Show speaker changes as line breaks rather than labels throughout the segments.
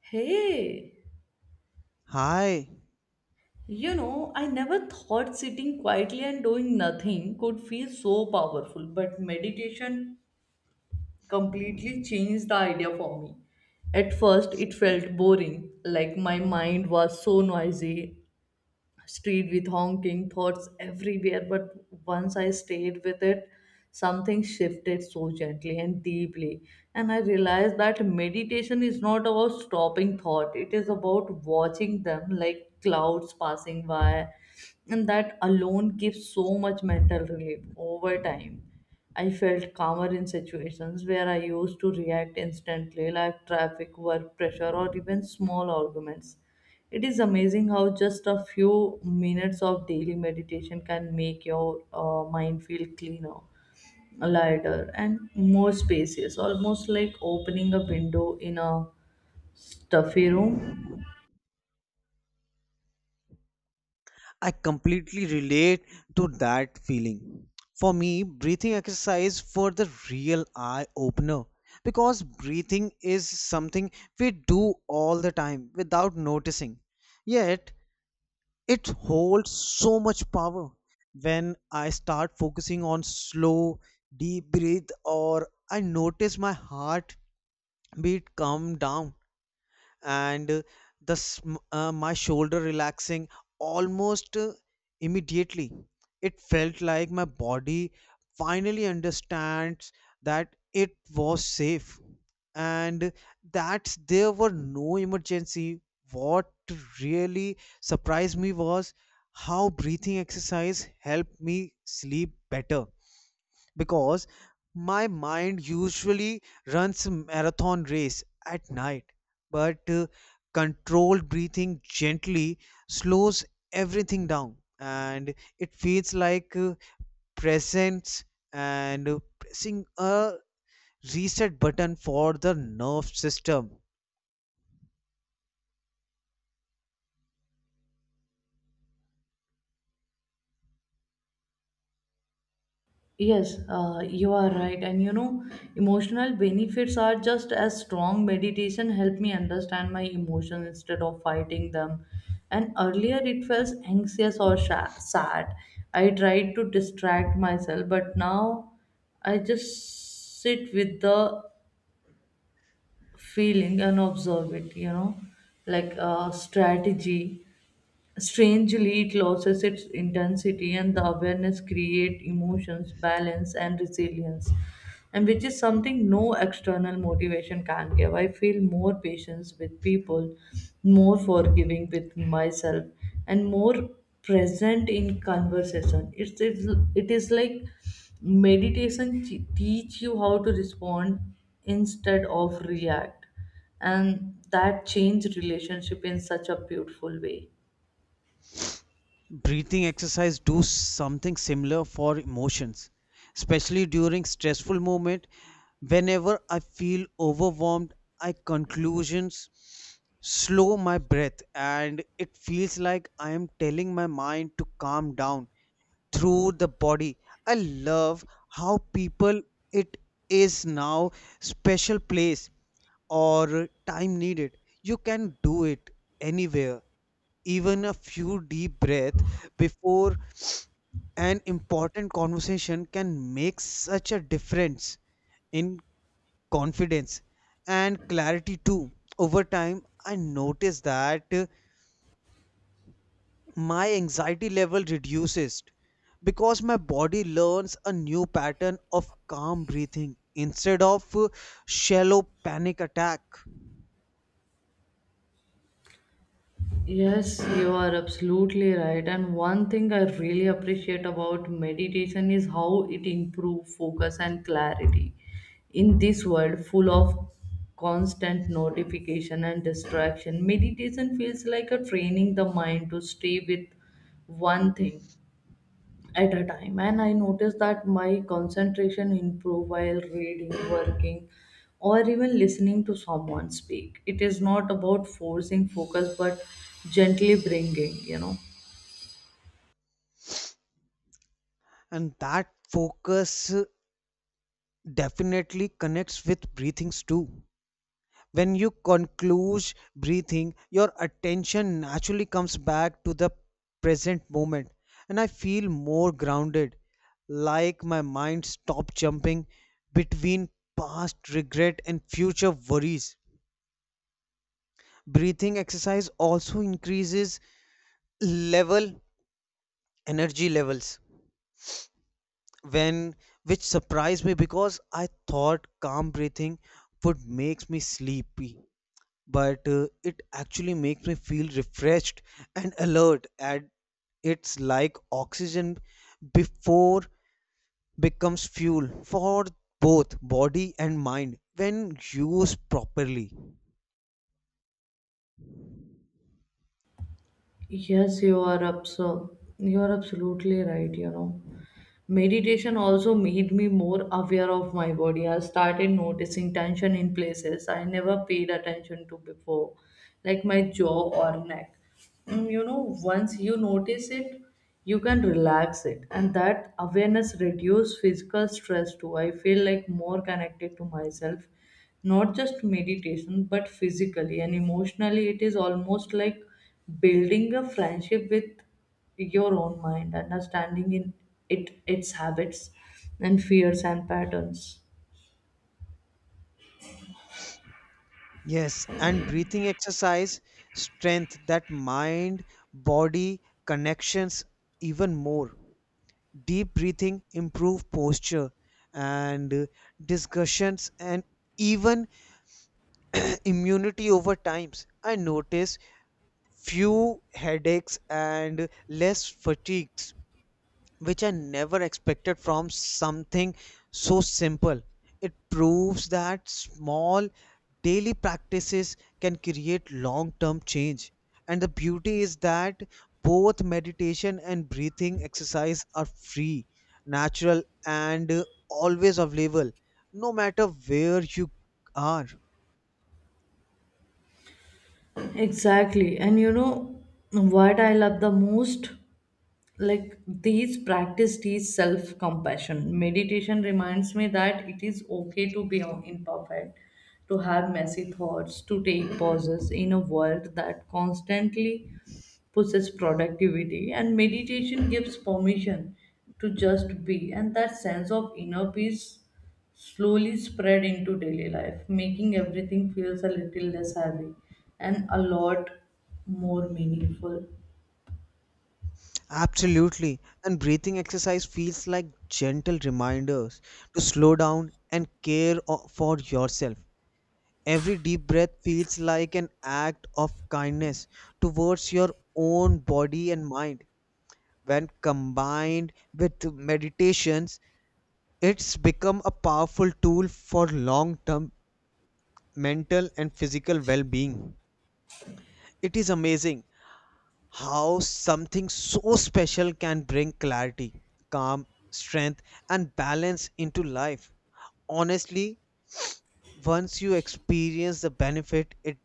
Hey,
Hi,
you know, I never thought sitting quietly and doing nothing could feel so powerful, but meditation completely changed the idea for me. At first, it felt boring, like my mind was so noisy street with honking thoughts everywhere, but once I stayed with it, something shifted so gently and deeply, and I realized that meditation is not about stopping thought, it is about watching them like clouds passing by, and that alone gives so much mental relief over time. I felt calmer in situations where I used to react instantly, like traffic, work pressure, or even small arguments. It is amazing how just a few minutes of daily meditation can make your mind feel cleaner, lighter, and more spacious, almost like opening a window in a stuffy room.
I completely relate to that feeling. For me, breathing exercise for the real eye opener because breathing is something we do all the time without noticing. Yet, it holds so much power. When I start focusing on slow, deep breath or I notice my heart beat calm down and my shoulder relaxing almost immediately, it felt like my body finally understands that it was safe and that there were no emergency. What really surprised me was how breathing exercise helped me sleep better because my mind usually runs a marathon race at night, but controlled breathing gently slows everything down and it feels like presence and pressing a reset button for the nerve system.
Yes, you are right. And you know, emotional benefits are just as strong. Meditation helped me understand my emotions instead of fighting them. And earlier it felt anxious or sad. I tried to distract myself, but now I just sit with the feeling and observe it, you know, like a strategy. Strangely, it loses its intensity, and the awareness create emotions, balance, and resilience, and which is something no external motivation can give. I feel more patience with people, more forgiving with myself, and more present in conversation. It's it is like meditation teach you how to respond instead of react, and that change relationship in such a beautiful way.
Breathing exercise do something similar for emotions, especially during stressful moment. Whenever I feel overwhelmed, I conclusions slow my breath and it feels like I am telling my mind to calm down through the body. I love how people, it is now special place or time needed. You can do it anywhere. Even a few deep breaths before an important conversation can make such a difference in confidence and clarity too. Over time, I noticed that my anxiety level reduces because my body learns a new pattern of calm breathing instead of shallow panic attack.
Yes, you are absolutely right. And one thing I really appreciate about meditation is how it improves focus and clarity. In this world full of constant notification and distraction, meditation feels like a training the mind to stay with one thing at a time, and I noticed that my concentration improved while reading, working, or even listening to someone speak. It is not about forcing focus but gently bringing.
And that focus definitely connects with breathings too. When you conclude breathing, your attention naturally comes back to the present moment, and I feel more grounded, like my mind stopped jumping between past regret and future worries. Breathing exercise also increases level energy levels when, which surprised me because I thought calm breathing would make me sleepy, but it actually makes me feel refreshed and alert, and it's like oxygen before becomes fuel for both body and mind when used properly.
yes you are abso- you are absolutely right, you know. Meditation also made me more aware of my body. I started noticing tension in places I never paid attention to before, like my jaw or neck. Mm, you know, once you notice it, you can relax it, and that awareness reduces physical stress too. I feel like more connected to myself, not just meditation but physically and emotionally. It is almost like building a friendship with your own mind, understanding in it its habits and fears and patterns.
Yes, and breathing exercise strength that mind body connections even more. Deep breathing improve posture and discussions and even immunity. Over times, I notice few headaches and less fatigues, which are never expected from something so simple. It proves that small daily practices can create long term change, and the beauty is that both meditation and breathing exercise are free, natural, and always available no matter where you are.
Exactly. And you know what I love the most? Like these practice teach self compassion. Meditation reminds me that it is okay to be imperfect, to have messy thoughts, to take pauses in a world that constantly pushes productivity, and meditation gives permission to just be, and that sense of inner peace slowly spread into daily life, making everything feels a little less heavy and a lot more meaningful.
Absolutely. And breathing exercise feels like gentle reminders to slow down and for yourself. Every deep breath feels like an act of kindness towards your own body and mind. When combined with meditations, it's become a powerful tool for long term mental and physical well being. It is amazing how something so special can bring clarity, calm, strength, and balance into life. Honestly, once you experience the benefit, it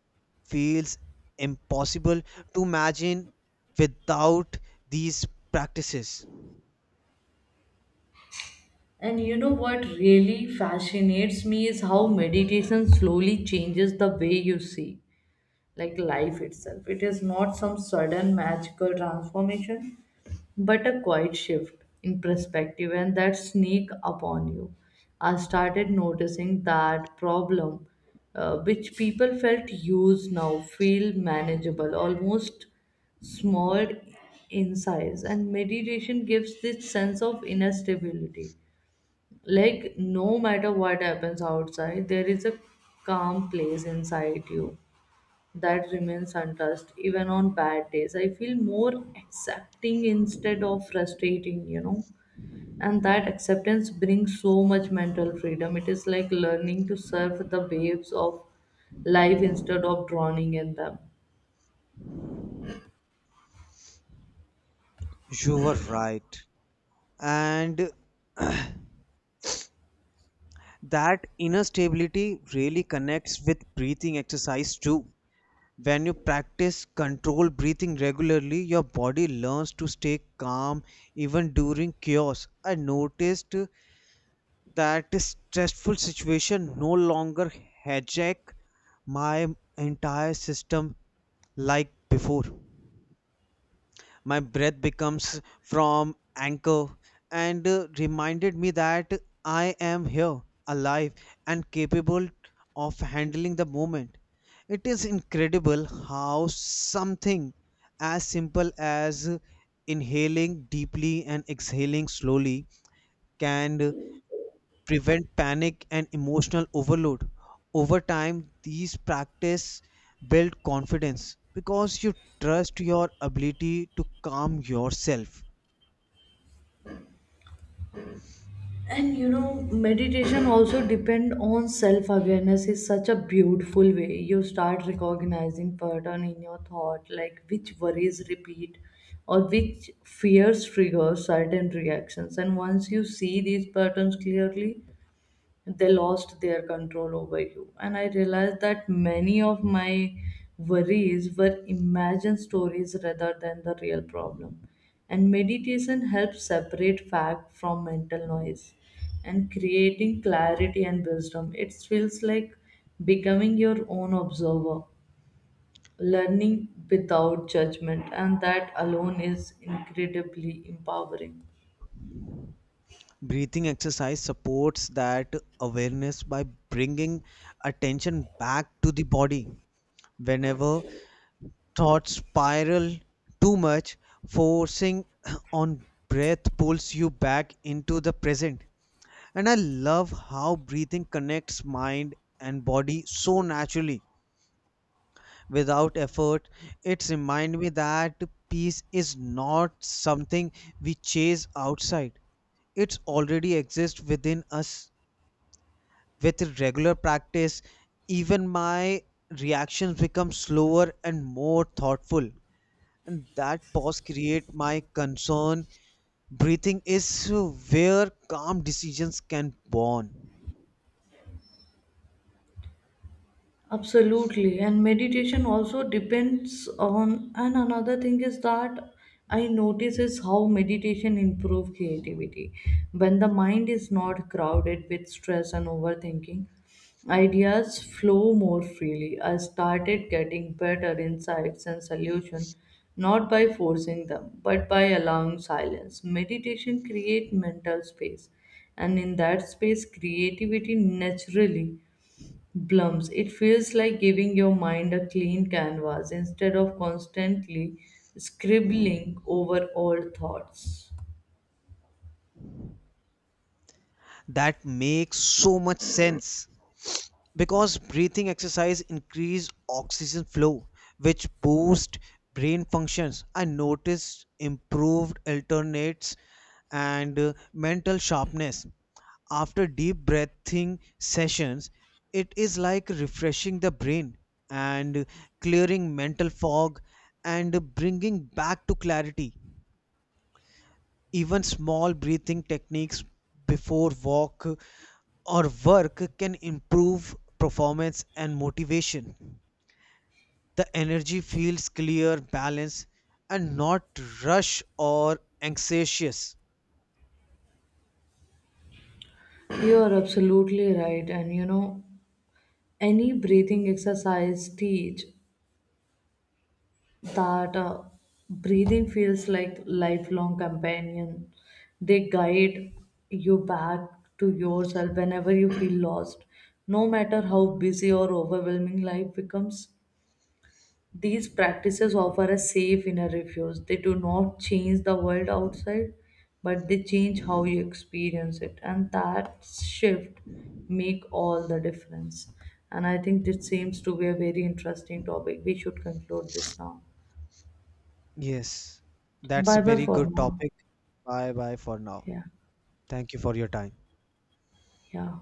feels impossible to imagine without these practices.
And you know what really fascinates me is how meditation slowly changes the way you see, like life itself. It is not some sudden magical transformation, but a quiet shift in perspective and that sneak upon you. I started noticing that problem, which people felt used now, feel manageable, almost small in size. And meditation gives this sense of inner stability. Like, no matter what happens outside, there is a calm place inside you that remains untouched even on bad days. I feel more accepting instead of frustrating, you know. And that acceptance brings so much mental freedom. It is like learning to surf the waves of life instead of drowning in them.
You were right. And that inner stability really connects with breathing exercise too. When you practice controlled breathing regularly, your body learns to stay calm even during chaos. I noticed that stressful situation no longer hijack my entire system like before. My breath becomes from anchor and reminded me that I am here, alive, and capable of handling the moment. It is incredible how something as simple as inhaling deeply and exhaling slowly can prevent panic and emotional overload. Over time, these practice build confidence because you trust your ability to calm yourself.
And you know, meditation also depend on self awareness is such a beautiful way. You start recognizing pattern in your thought, like which worries repeat or which fears trigger certain reactions, and once you see these patterns clearly, they lost their control over you. And I realized that many of my worries were imagined stories rather than the real problem. And meditation helps separate fact from mental noise and creating clarity and wisdom. It feels like becoming your own observer, learning without judgment, and that alone is incredibly empowering.
Breathing exercise supports that awareness by bringing attention back to the body. Whenever thoughts spiral too much, forcing on breath pulls you back into the present. And I love how breathing connects mind and body so naturally without effort. It reminds me that peace is not something we chase outside, it already exists within us. With regular practice, even my reactions become slower and more thoughtful. And that pause create my concern. Breathing is where calm decisions can born.
Absolutely. And meditation also depends on, and another thing is that I notice is how meditation improve creativity. When the mind is not crowded with stress and overthinking, ideas flow more freely. I started getting better insights and solution not by forcing them, but by allowing silence. Meditation create mental space, and in that space, creativity naturally Blums, it feels like giving your mind a clean canvas instead of constantly scribbling over old thoughts.
That makes so much sense because breathing exercise increase oxygen flow, which boost brain functions. I noticed improved alternates and mental sharpness after deep breathing sessions. It is like refreshing the brain and clearing mental fog and bringing back to clarity. Even small breathing techniques before walk or work can improve performance and motivation. The energy feels clear, balanced, and not rush or anxious.
You are absolutely right, and you know, any breathing exercise teach that breathing feels like lifelong companion. They guide you back to yourself whenever you feel lost. No matter how busy or overwhelming life becomes, these practices offer a safe inner refuge. They do not change the world outside, but they change how you experience it. And that shift make all the difference. And I think this seems to be a very interesting topic. We should conclude this now.
Yes, that's a
Bye bye
very
for
good
now.
topic. Bye bye for now.
Yeah.
Thank you for your time.
Yeah.